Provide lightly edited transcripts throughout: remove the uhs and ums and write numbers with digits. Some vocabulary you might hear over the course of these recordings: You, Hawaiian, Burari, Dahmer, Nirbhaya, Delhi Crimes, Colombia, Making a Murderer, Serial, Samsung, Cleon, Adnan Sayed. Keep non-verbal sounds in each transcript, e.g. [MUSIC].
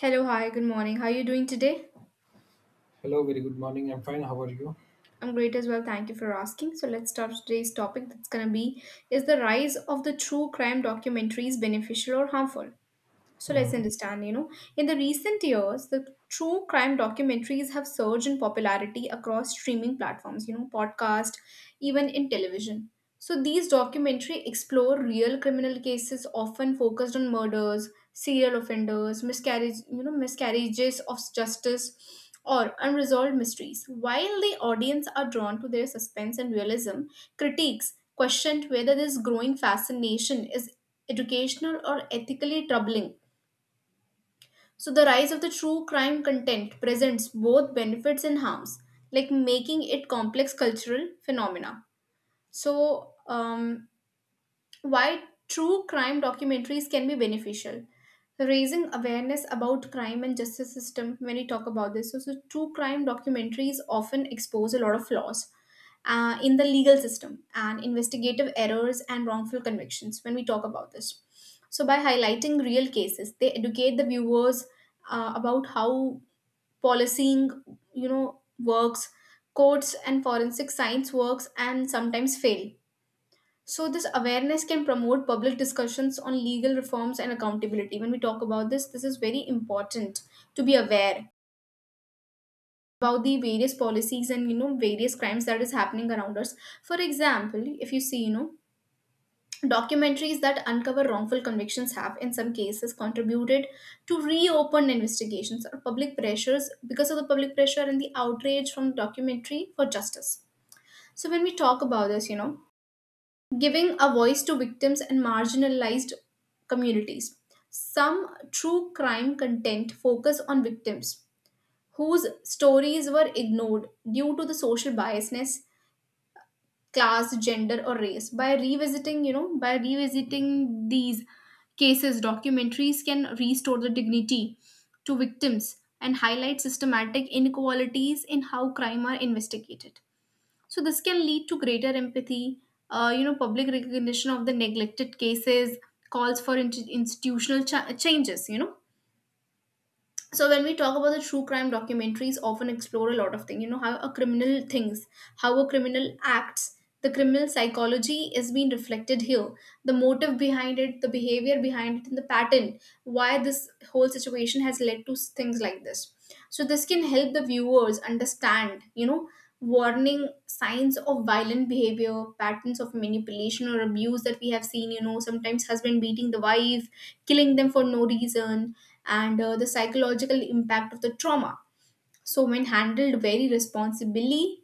Hello, hi, good morning. How are you doing today? Hello, very good morning. I'm fine. How are you? I'm great as well. Thank you for asking. So let's start today's topic that's going to be: is the rise of the true crime documentaries beneficial or harmful? So let's Hmm. understand, in the recent years, the true crime documentaries have surged in popularity across streaming platforms, podcast, even in television. So these documentary explore real criminal cases often focused on murders, serial offenders, miscarriage, miscarriages of justice or unresolved mysteries. While the audience are drawn to their suspense and realism, critiques questioned whether this growing fascination is educational or ethically troubling. So the rise of the true crime content presents both benefits and harms, like making it complex cultural phenomena. So why true crime documentaries can be beneficial: raising awareness about crime and justice system. When we talk about this, so true crime documentaries often expose a lot of flaws in the legal system and investigative errors and wrongful convictions. When we talk about this, so by highlighting real cases they educate the viewers about how policing, works, courts and forensic science works and sometimes fail. So this awareness can promote public discussions on legal reforms and accountability. When we talk about this, this is very important to be aware about the various policies and various crimes that is happening around us. For example, if you see, documentaries that uncover wrongful convictions have in some cases contributed to reopen investigations or public pressures because of the public pressure and the outrage from documentary for justice. So when we talk about this, giving a voice to victims and marginalized communities. Some true crime content focus on victims whose stories were ignored due to the social biasness, class, gender or race. By revisiting, these cases, documentaries can restore the dignity to victims and highlight systematic inequalities in how crime are investigated. So this can lead to greater empathy. Public recognition of the neglected cases calls for institutional changes. So when we talk about the true crime documentaries, often explore a lot of things, how a criminal thinks, how a criminal acts, the criminal psychology is being reflected here, the motive behind it, the behavior behind it and the pattern, why this whole situation has led to things like this. So this can help the viewers understand, warning signs of violent behavior, patterns of manipulation or abuse that we have seen, sometimes husband beating the wife, killing them for no reason, and the psychological impact of the trauma. So, when handled very responsibly,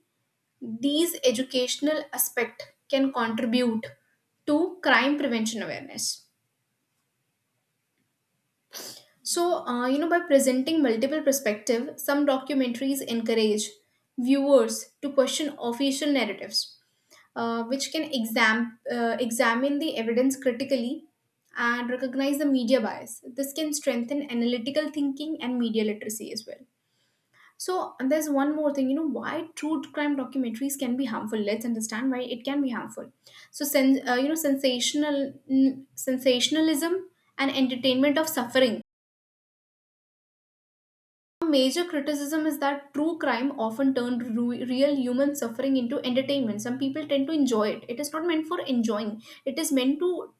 these educational aspect can contribute to crime prevention awareness. So, by presenting multiple perspective, some documentaries encourage viewers to question official narratives, which can examine the evidence critically and recognize the media bias. This can strengthen analytical thinking and media literacy as well. So, and there's one more thing, why true crime documentaries can be harmful. Let's understand why it can be harmful. So sensationalism and entertainment of suffering: a major criticism is that true crime often turned real human suffering into entertainment. Some people tend to enjoy it. It is not meant for enjoying. It is meant to,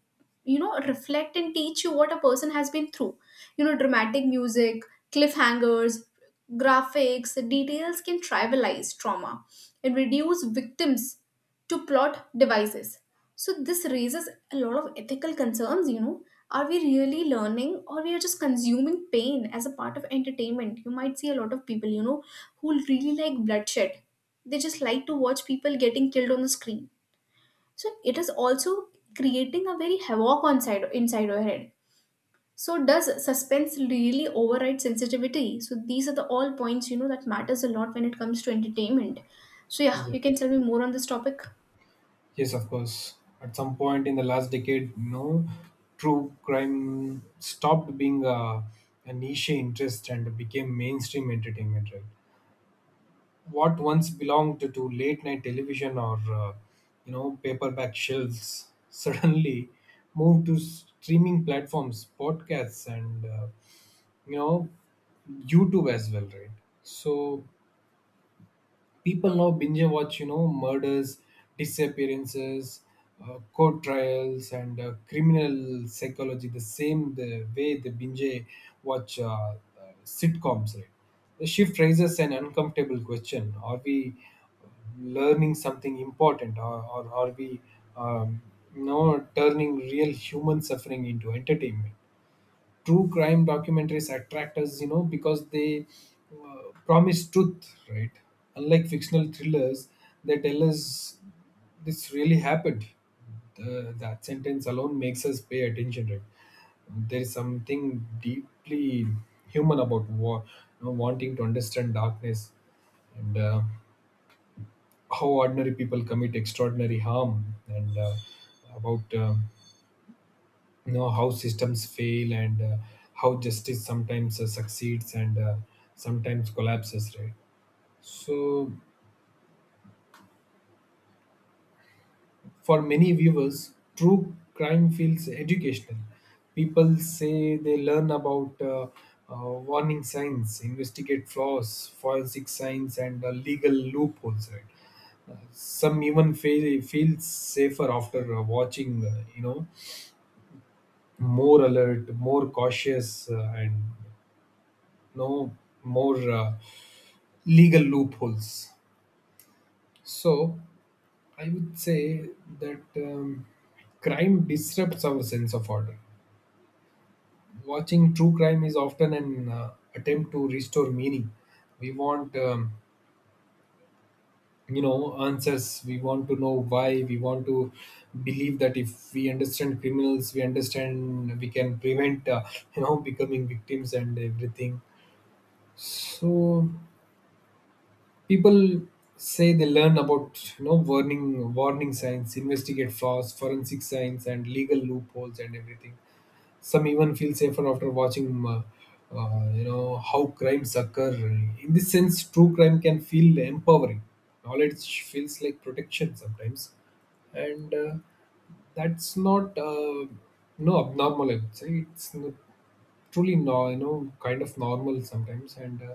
reflect and teach you what a person has been through. Dramatic music, cliffhangers, graphics, details can trivialize trauma and reduce victims to plot devices. So this raises a lot of ethical concerns, Are we really learning or we are just consuming pain as a part of entertainment? You might see a lot of people, who really like bloodshed. They just like to watch people getting killed on the screen. So it is also creating a very havoc on side, inside our head. So does suspense really override sensitivity? So these are the all points, that matters a lot when it comes to entertainment. So yeah, you can tell me more on this topic. Yes, of course. At some point in the last decade, true crime stopped being a niche interest and became mainstream entertainment, right? What once belonged to late night television or paperback shelves [LAUGHS] suddenly moved to streaming platforms, podcasts, and you know YouTube as well, right? So people now binge watch, you know, murders, disappearances, court trials and criminal psychology the same the way they binge watch sitcoms, right? The shift raises an uncomfortable question: are we learning something important, or are we um, turning real human suffering into entertainment? True crime documentaries attract us, you know, because they promise truth, right? Unlike fictional thrillers, they tell us this really happened. That sentence alone makes us pay attention, right? There is something deeply human about wanting to understand darkness, and how ordinary people commit extraordinary harm, and about. You know how systems fail, and how justice sometimes succeeds and sometimes collapses, right? So for many viewers true crime feels educational. People say they learn about warning signs, investigate flaws, forensic science, and legal loopholes, right? Some even feel feels safer after watching, more alert, more cautious, and no more legal loopholes. So I would say that crime disrupts our sense of order. Watching true crime is often an attempt to restore meaning. We want, answers. We want to know why. We want to believe that if we understand criminals, we understand we can prevent, becoming victims and everything. So people say they learn about, you know, warning signs, investigate flaws, forensic science and legal loopholes and everything. Some even feel safer after watching, uh, how crimes occur. In this sense true crime can feel empowering. Knowledge feels like protection sometimes, and that's not no abnormal, I would say. It's n- truly no you know kind of normal sometimes, and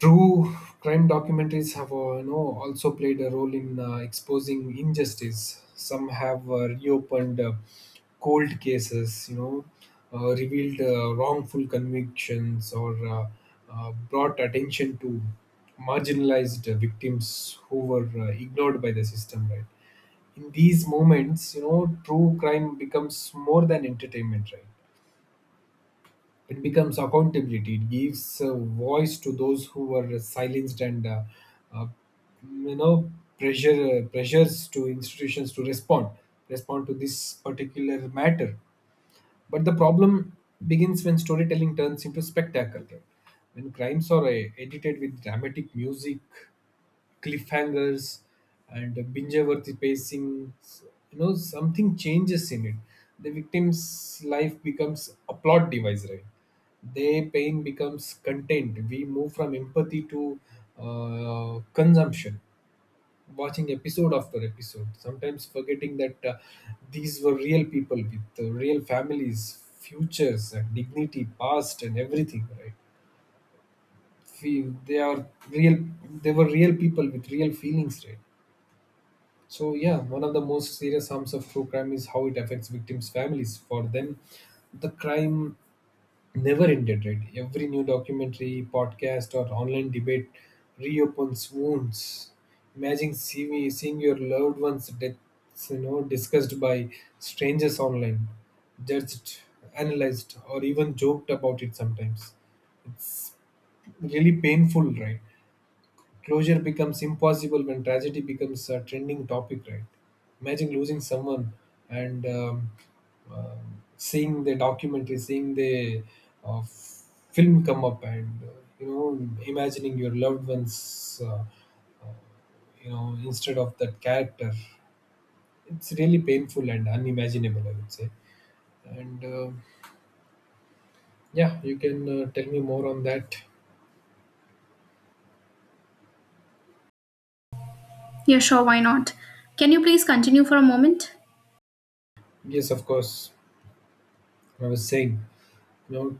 true crime documentaries have, also played a role in exposing injustice. Some have reopened cold cases, you know, revealed wrongful convictions, or brought attention to marginalized victims who were ignored by the system, right. In these moments, you know, true crime becomes more than entertainment. Right, it becomes accountability. It gives a voice to those who were silenced, and uh, you know pressures to institutions to respond to this particular matter. But the problem begins when storytelling turns into spectacle, when crimes are edited with dramatic music, cliffhangers and binge-worthy pacing. You know, something changes in it. The victim's life becomes a plot device, right? Their pain becomes content. We move from empathy to consumption, watching episode after episode, sometimes forgetting that these were real people with real families, futures, and dignity, past, and everything, right? Feel they are real. They were real people with real feelings, right? So yeah, one of the most serious harms of true crime is how it affects victims' families. For them, the crime never ended, right? Every new documentary, podcast, or online debate reopens wounds. Imagine seeing your loved ones' deaths, you know, discussed by strangers online, judged, analyzed, or even joked about it sometimes. Really painful, right? Closure becomes impossible when tragedy becomes a trending topic, right? Imagine losing someone and seeing the documentary, seeing the uh, film come up, and imagining your loved ones, instead of that character. It's really painful and unimaginable, I would say. And yeah, you can tell me more on that. Yeah, sure, why not? Can you please continue for a moment? Yes, of course. I was saying, you know,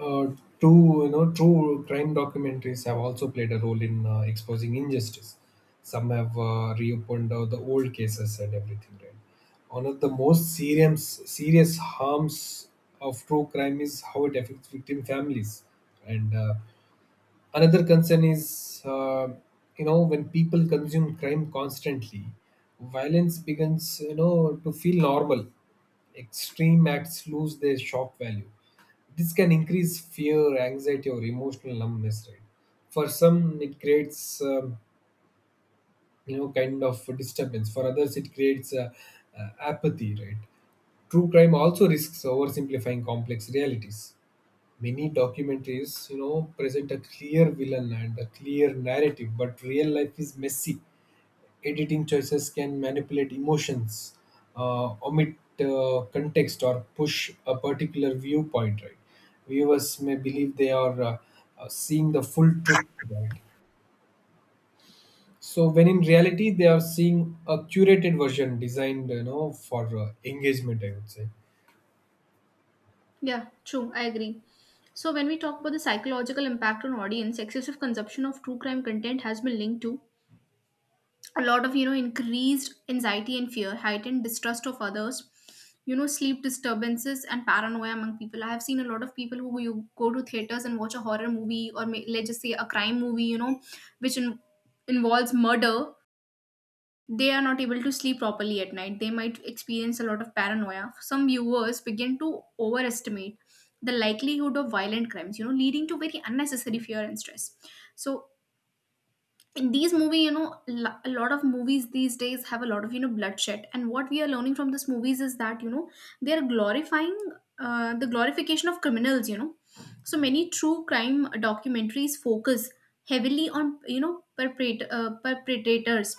uh, true crime documentaries have also played a role in exposing injustice. Some have reopened the old cases and everything, right? One of the most serious harms of true crime is how it affects victim families, and another concern is when people consume crime constantly, violence begins, you know, to feel normal. Extreme acts lose their shock value. This can increase fear, anxiety or emotional numbness, right? For some it creates, kind of disturbance. For others it creates apathy, right? True crime also risks oversimplifying complex realities. Many documentaries, you know, present a clear villain and a clear narrative, but real life is messy. Editing choices can manipulate emotions, omit context or push a particular viewpoint, right? Viewers may believe they are seeing the full truth, right? So when in reality they are seeing a curated version designed, you know, for engagement, I would say. Yeah, true, I agree. So, when we talk about the psychological impact on audience, excessive consumption of true crime content has been linked to a lot of, increased anxiety and fear, heightened distrust of others, sleep disturbances and paranoia among people. I have seen a lot of people who you go to theaters and watch a horror movie or may, let's just say a crime movie, which involves murder. They are not able to sleep properly at night. They might experience a lot of paranoia. Some viewers begin to overestimate the likelihood of violent crimes, leading to very unnecessary fear and stress. So, in these movies, a lot of movies these days have a lot of, bloodshed. And what we are learning from these movies is that, they are glorifying the glorification of criminals, So, many true crime documentaries focus heavily on, perpetrators,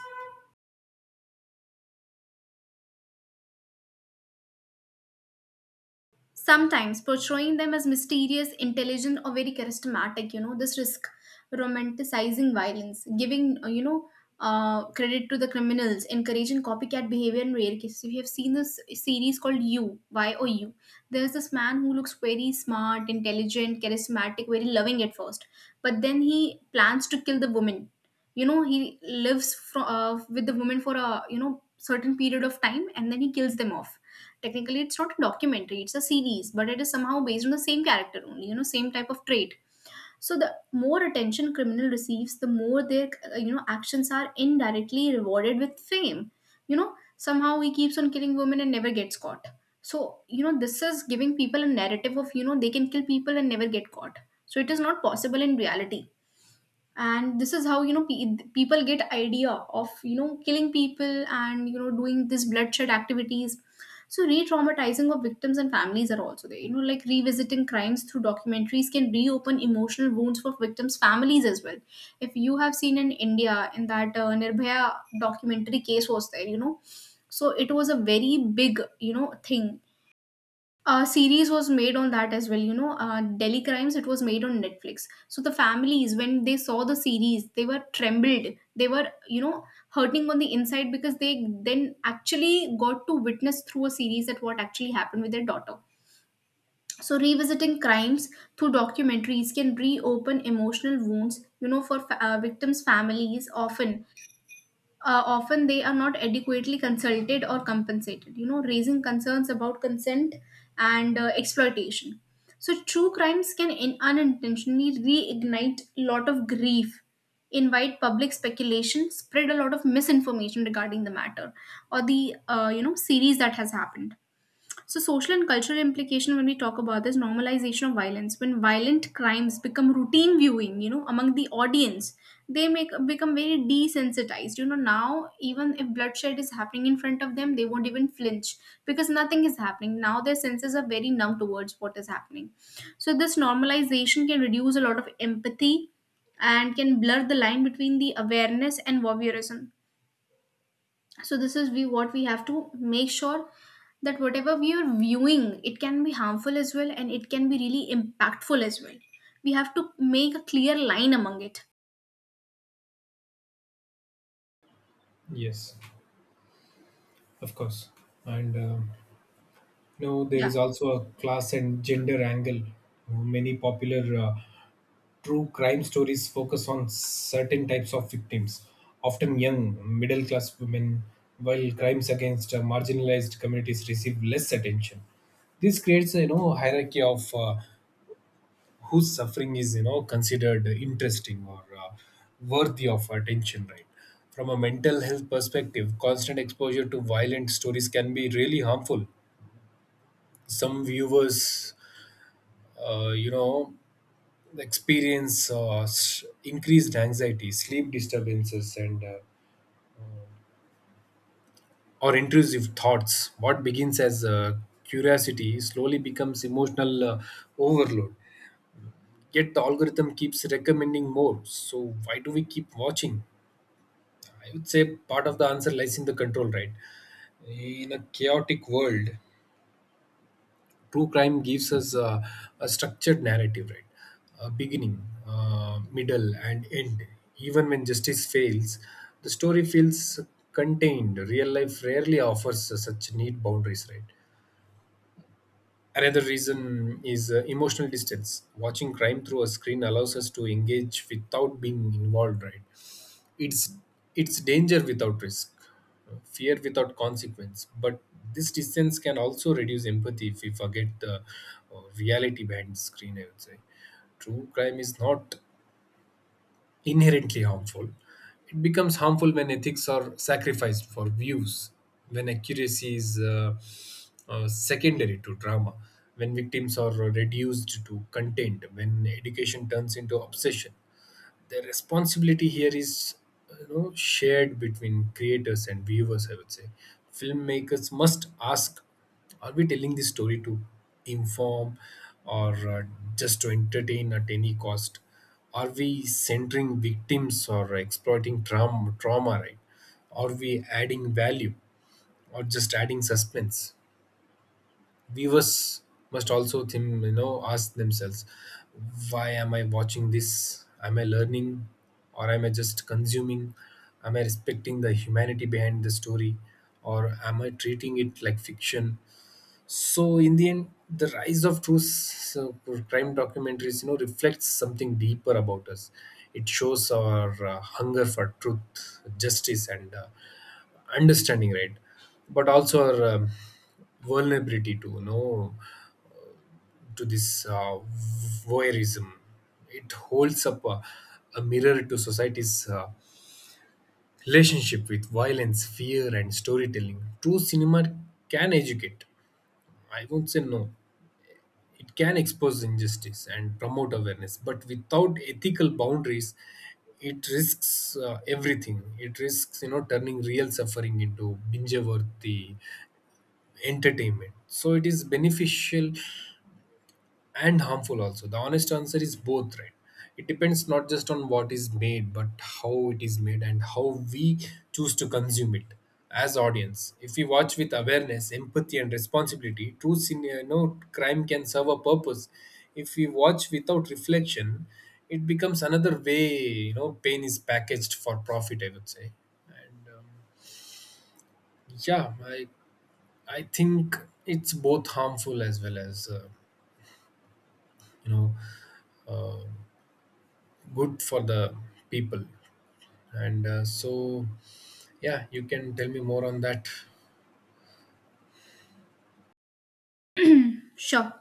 sometimes portraying them as mysterious, intelligent, or very charismatic. You know, this risk romanticizing violence, giving credit to the criminals, encouraging copycat behavior in rare cases. If you have seen this series called You, Y O U, there's this man who looks very smart, intelligent, charismatic, very loving at first, but then he plans to kill the woman. You know, he with the woman for a certain period of time, and then he kills them off. Technically it's not a documentary, it's a series, but it is somehow based on the same character only, same type of trait. So the more attention criminal receives, the more their actions are indirectly rewarded with fame. You know, somehow he keeps on killing women and never gets caught. So, this is giving people a narrative of, they can kill people and never get caught. So it is not possible in reality. And this is how, people get idea of, killing people and, doing this bloodshed activities. So re-traumatizing of victims and families are also there, like revisiting crimes through documentaries can reopen emotional wounds for victims families as well. If you have seen in India, in that Nirbhaya documentary case was there, so it was a very big, thing. A series was made on that as well, Delhi Crimes. It was made on Netflix. So the families, when they saw the series, they were trembled. They were, hurting on the inside, because they then actually got to witness through a series that what actually happened with their daughter. So revisiting crimes through documentaries can reopen emotional wounds, for victims families. Often, often they are not adequately consulted or compensated, raising concerns about consent and exploitation. So true crimes can unintentionally reignite a lot of grief, invite public speculation, spread a lot of misinformation regarding the matter or the series that has happened. So, social and cultural implication, when we talk about this, normalization of violence: when violent crimes become routine viewing, among the audience, they make become very desensitized. You know, now even if bloodshed is happening in front of them, they won't even flinch because nothing is happening. Now their senses are very numb towards what is happening. So, this normalization can reduce a lot of empathy and can blur the line between the awareness and voyeurism. So this is we what we have to make sure, that whatever we are viewing it can be harmful as well and it can be really impactful as well. We have to make a clear line among it. Yes, of course. And no, there Yeah, is also a class and gender angle. Many popular true crime stories focus on certain types of victims, often young, middle class women, while crimes against marginalized communities receive less attention. This creates, a you know, hierarchy of whose suffering is, you know, considered interesting or worthy of attention, right? From a mental health perspective, constant exposure to violent stories can be really harmful. Some viewers uh, you know experience increased anxiety, sleep disturbances and or intrusive thoughts. What begins as curiosity slowly becomes emotional overload, yet the algorithm keeps recommending more. So why do we keep watching? I would say part of the answer lies in the control, right? In a chaotic world, true crime gives us a structured narrative, right? A beginning, middle, and end. Even when justice fails, the story feels contained. Real life rarely offers such neat boundaries, right? Another reason is emotional distance. Watching crime through a screen allows us to engage without being involved, right? it's it's danger without risk, fear without consequence, but this distance can also reduce empathy if we forget the reality behind the screen, I would say. True crime is not inherently harmful. It becomes harmful when ethics are sacrificed for views, when accuracy is secondary to drama, when victims are reduced to content, when education turns into obsession. The responsibility here is, you know, shared between creators and viewers, I would say. Filmmakers must ask, are we telling this story to inform, or just to entertain at any cost? Are we centering victims or exploiting trauma, right? Are we adding value or just adding suspense? Viewers must also think, you know, ask themselves, why am I watching this? Am I learning, or am I just consuming? Am I respecting the humanity behind the story, or am I treating it like fiction? So in the end the rise of crime documentaries, you know, reflects something deeper about us. It shows our hunger for truth, justice and understanding, right? But also our vulnerability to, you know to this voyeurism. It holds up a mirror to society's relationship with violence, fear, and storytelling. True cinema can educate. I won't say no. It can expose injustice and promote awareness, but without ethical boundaries, it risks everything. It risks, you know, turning real suffering into binge-worthy entertainment. So it is beneficial and harmful also. The honest answer is both, right? It depends not just on what is made but how it is made and how we choose to consume it. As audience, if we watch with awareness, empathy and responsibility, true sin you know, crime can serve a purpose. If we watch without reflection, it becomes another way, you know, pain is packaged for profit, I would say. And yeah, I think it's both harmful as well as, you know uh, good for the people, and so yeah, you can tell me more on that. sure.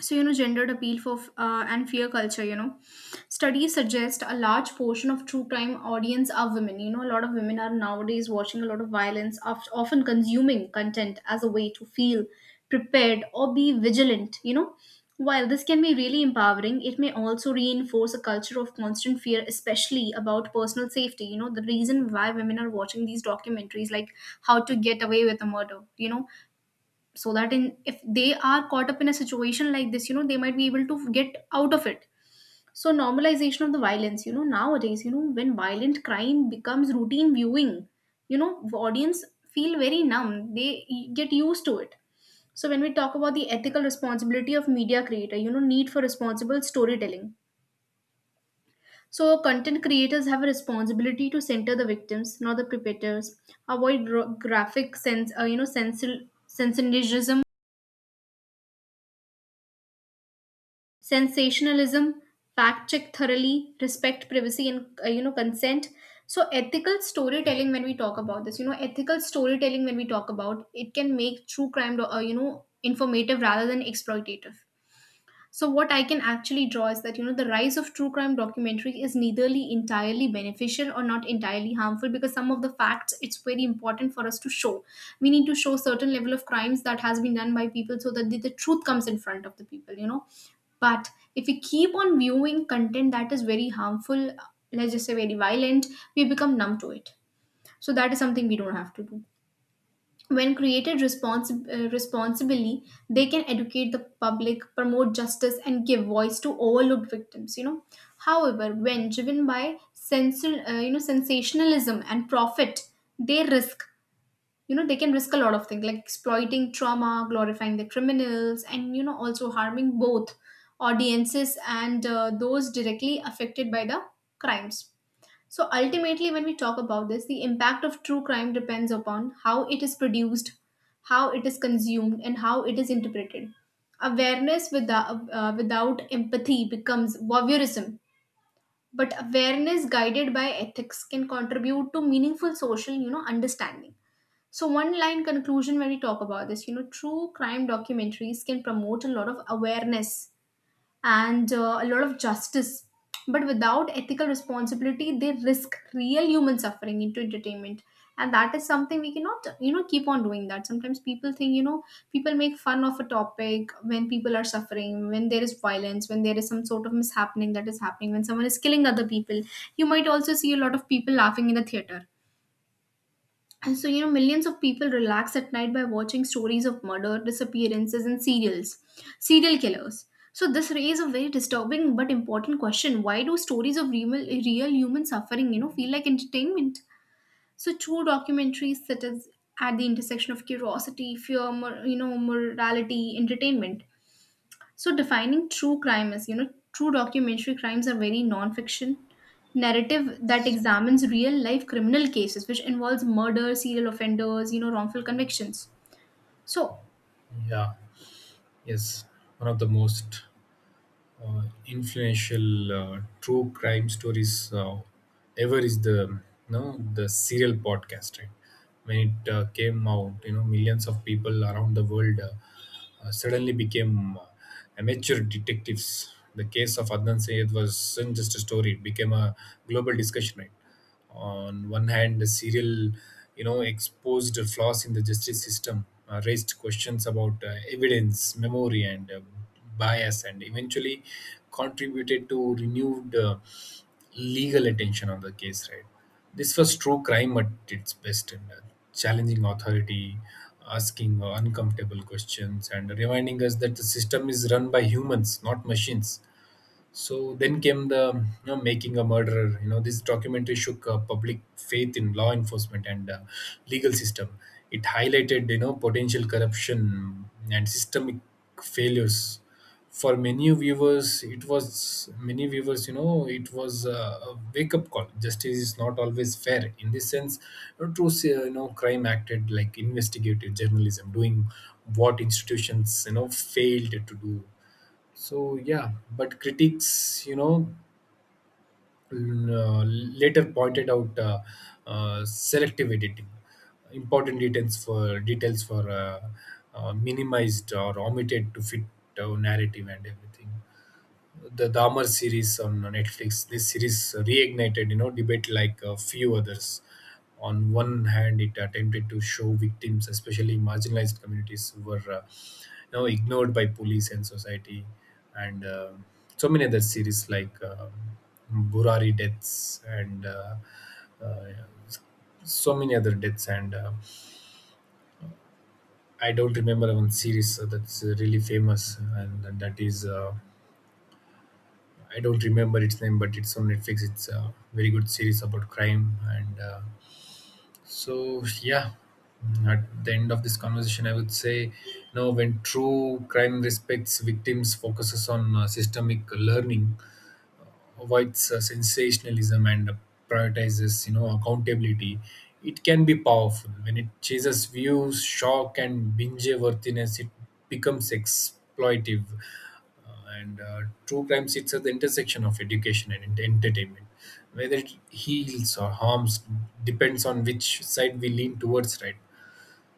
So, gendered appeal for and fear culture: studies suggest a large portion of true crime audience are women. You know, a lot of women are nowadays watching a lot of violence, often consuming content as a way to feel prepared or be vigilant. You know, while this can be really empowering, it may also reinforce a culture of constant fear, especially about personal safety. You know, the reason why women are watching these documentaries like How to Get Away with a Murder, so that in if they are caught up in a situation like this, they might be able to get out of it. So normalization of the violence, nowadays, when violent crime becomes routine viewing, the audience feel very numb, they get used to it. So when we talk about the ethical responsibility of media creator, need for responsible storytelling. So content creators have a responsibility to center the victims, not the perpetrators, avoid graphic sense you know sensational sensationalism, fact check thoroughly, respect privacy and, consent. So ethical storytelling, when we talk about this, you know, ethical storytelling when we talk about it can make true crime, informative rather than exploitative. So what I can actually draw is that, the rise of true crime documentary is neitherly entirely beneficial or not entirely harmful, because some of the facts it's very important for us to show. We need to show certain level of crimes that has been done by people, so that the truth comes in front of the people, you know. But if we keep on viewing content that is very harmful, let's just say very violent, we become numb to it. So that is something we don't have to do. When created responsibly, they can educate the public, promote justice and give voice to overlooked victims. You know, however, when driven by sensationalism and profit, they risk, they can risk a lot of things like exploiting trauma, glorifying the criminals, and, also harming both audiences and those directly affected by the crimes. So ultimately, when we talk about this, the impact of true crime depends upon how it is produced, how it is consumed, and how it is interpreted. Awareness without, without empathy becomes voyeurism, but awareness guided by ethics can contribute to meaningful social, understanding. So, one line conclusion when we talk about this, true crime documentaries can promote a lot of awareness and a lot of justice. But without ethical responsibility, they risk real human suffering into entertainment. And that is something we cannot, keep on doing that. Sometimes people think, people make fun of a topic when people are suffering, when there is violence, when there is some sort of mishappening that is happening, when someone is killing other people. You might also see a lot of people laughing in the theater. And so, millions of people relax at night by watching stories of murder, disappearances, and serial killers. So, this raises a very disturbing but important question: why do stories of real human suffering, feel like entertainment? So, true documentaries sit at the intersection of curiosity, fear, morality, entertainment. So defining true crime is, true documentary crimes are very non-fiction narrative that examines real life criminal cases, which involves murder, serial offenders, wrongful convictions. So Yeah. Yes, one of the most influential true crime stories ever is the no the Serial podcast, right? When it came out, you know, millions of people around the world suddenly became amateur detectives. The case of Adnan Sayed wasn't just a story, it became a global discussion, right? On one hand, the Serial, you know, exposed flaws in the justice system, raised questions about evidence, memory, and bias, and eventually contributed to renewed legal attention on the case, right? This was true crime at its best, and challenging authority, asking uncomfortable questions, and reminding us that the system is run by humans, not machines. So then came the, you know, Making a Murderer. You know, this documentary shook public faith in law enforcement and legal system. It highlighted, you know, potential corruption and systemic failures. For many viewers, it was many viewers. You know, it was a wake-up call. Justice is not always fair. In this sense, crime acted like investigative journalism, doing what institutions, you know, failed to do. So yeah, but critics, you know, later pointed out selective editing, important details for details for minimized or omitted to fit narrative and everything. The Dahmer series on Netflix. This series reignited, you know, debate like a few others. On one hand, it attempted to show victims, especially marginalized communities, who were, ignored by police and society, and so many other series like Burari deaths and uh, so many other deaths. And I don't remember one series that's really famous, and that is. I don't remember its name, but it's on Netflix. It's a very good series about crime. And so yeah, at the end of this conversation, I would say, you know, when true crime respects victims, focuses on systemic learning, avoids sensationalism and prioritizes, you know, accountability, it can be powerful. When it chases views, shock and binge worthiness, it becomes exploitive. And true crime sits at the intersection of education and entertainment. Whether it heals or harms depends on which side we lean towards, right?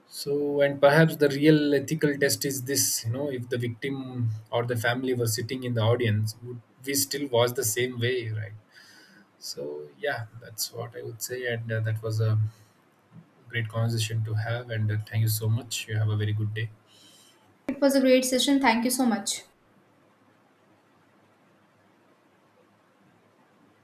So, and perhaps the real ethical test is this, you know, if the victim or the family were sitting in the audience, would we still watch the same way, right? So yeah, that's what I would say. And that was a great conversation to have. And thank you so much. You have a very good day. it was a great session. Thank you so much.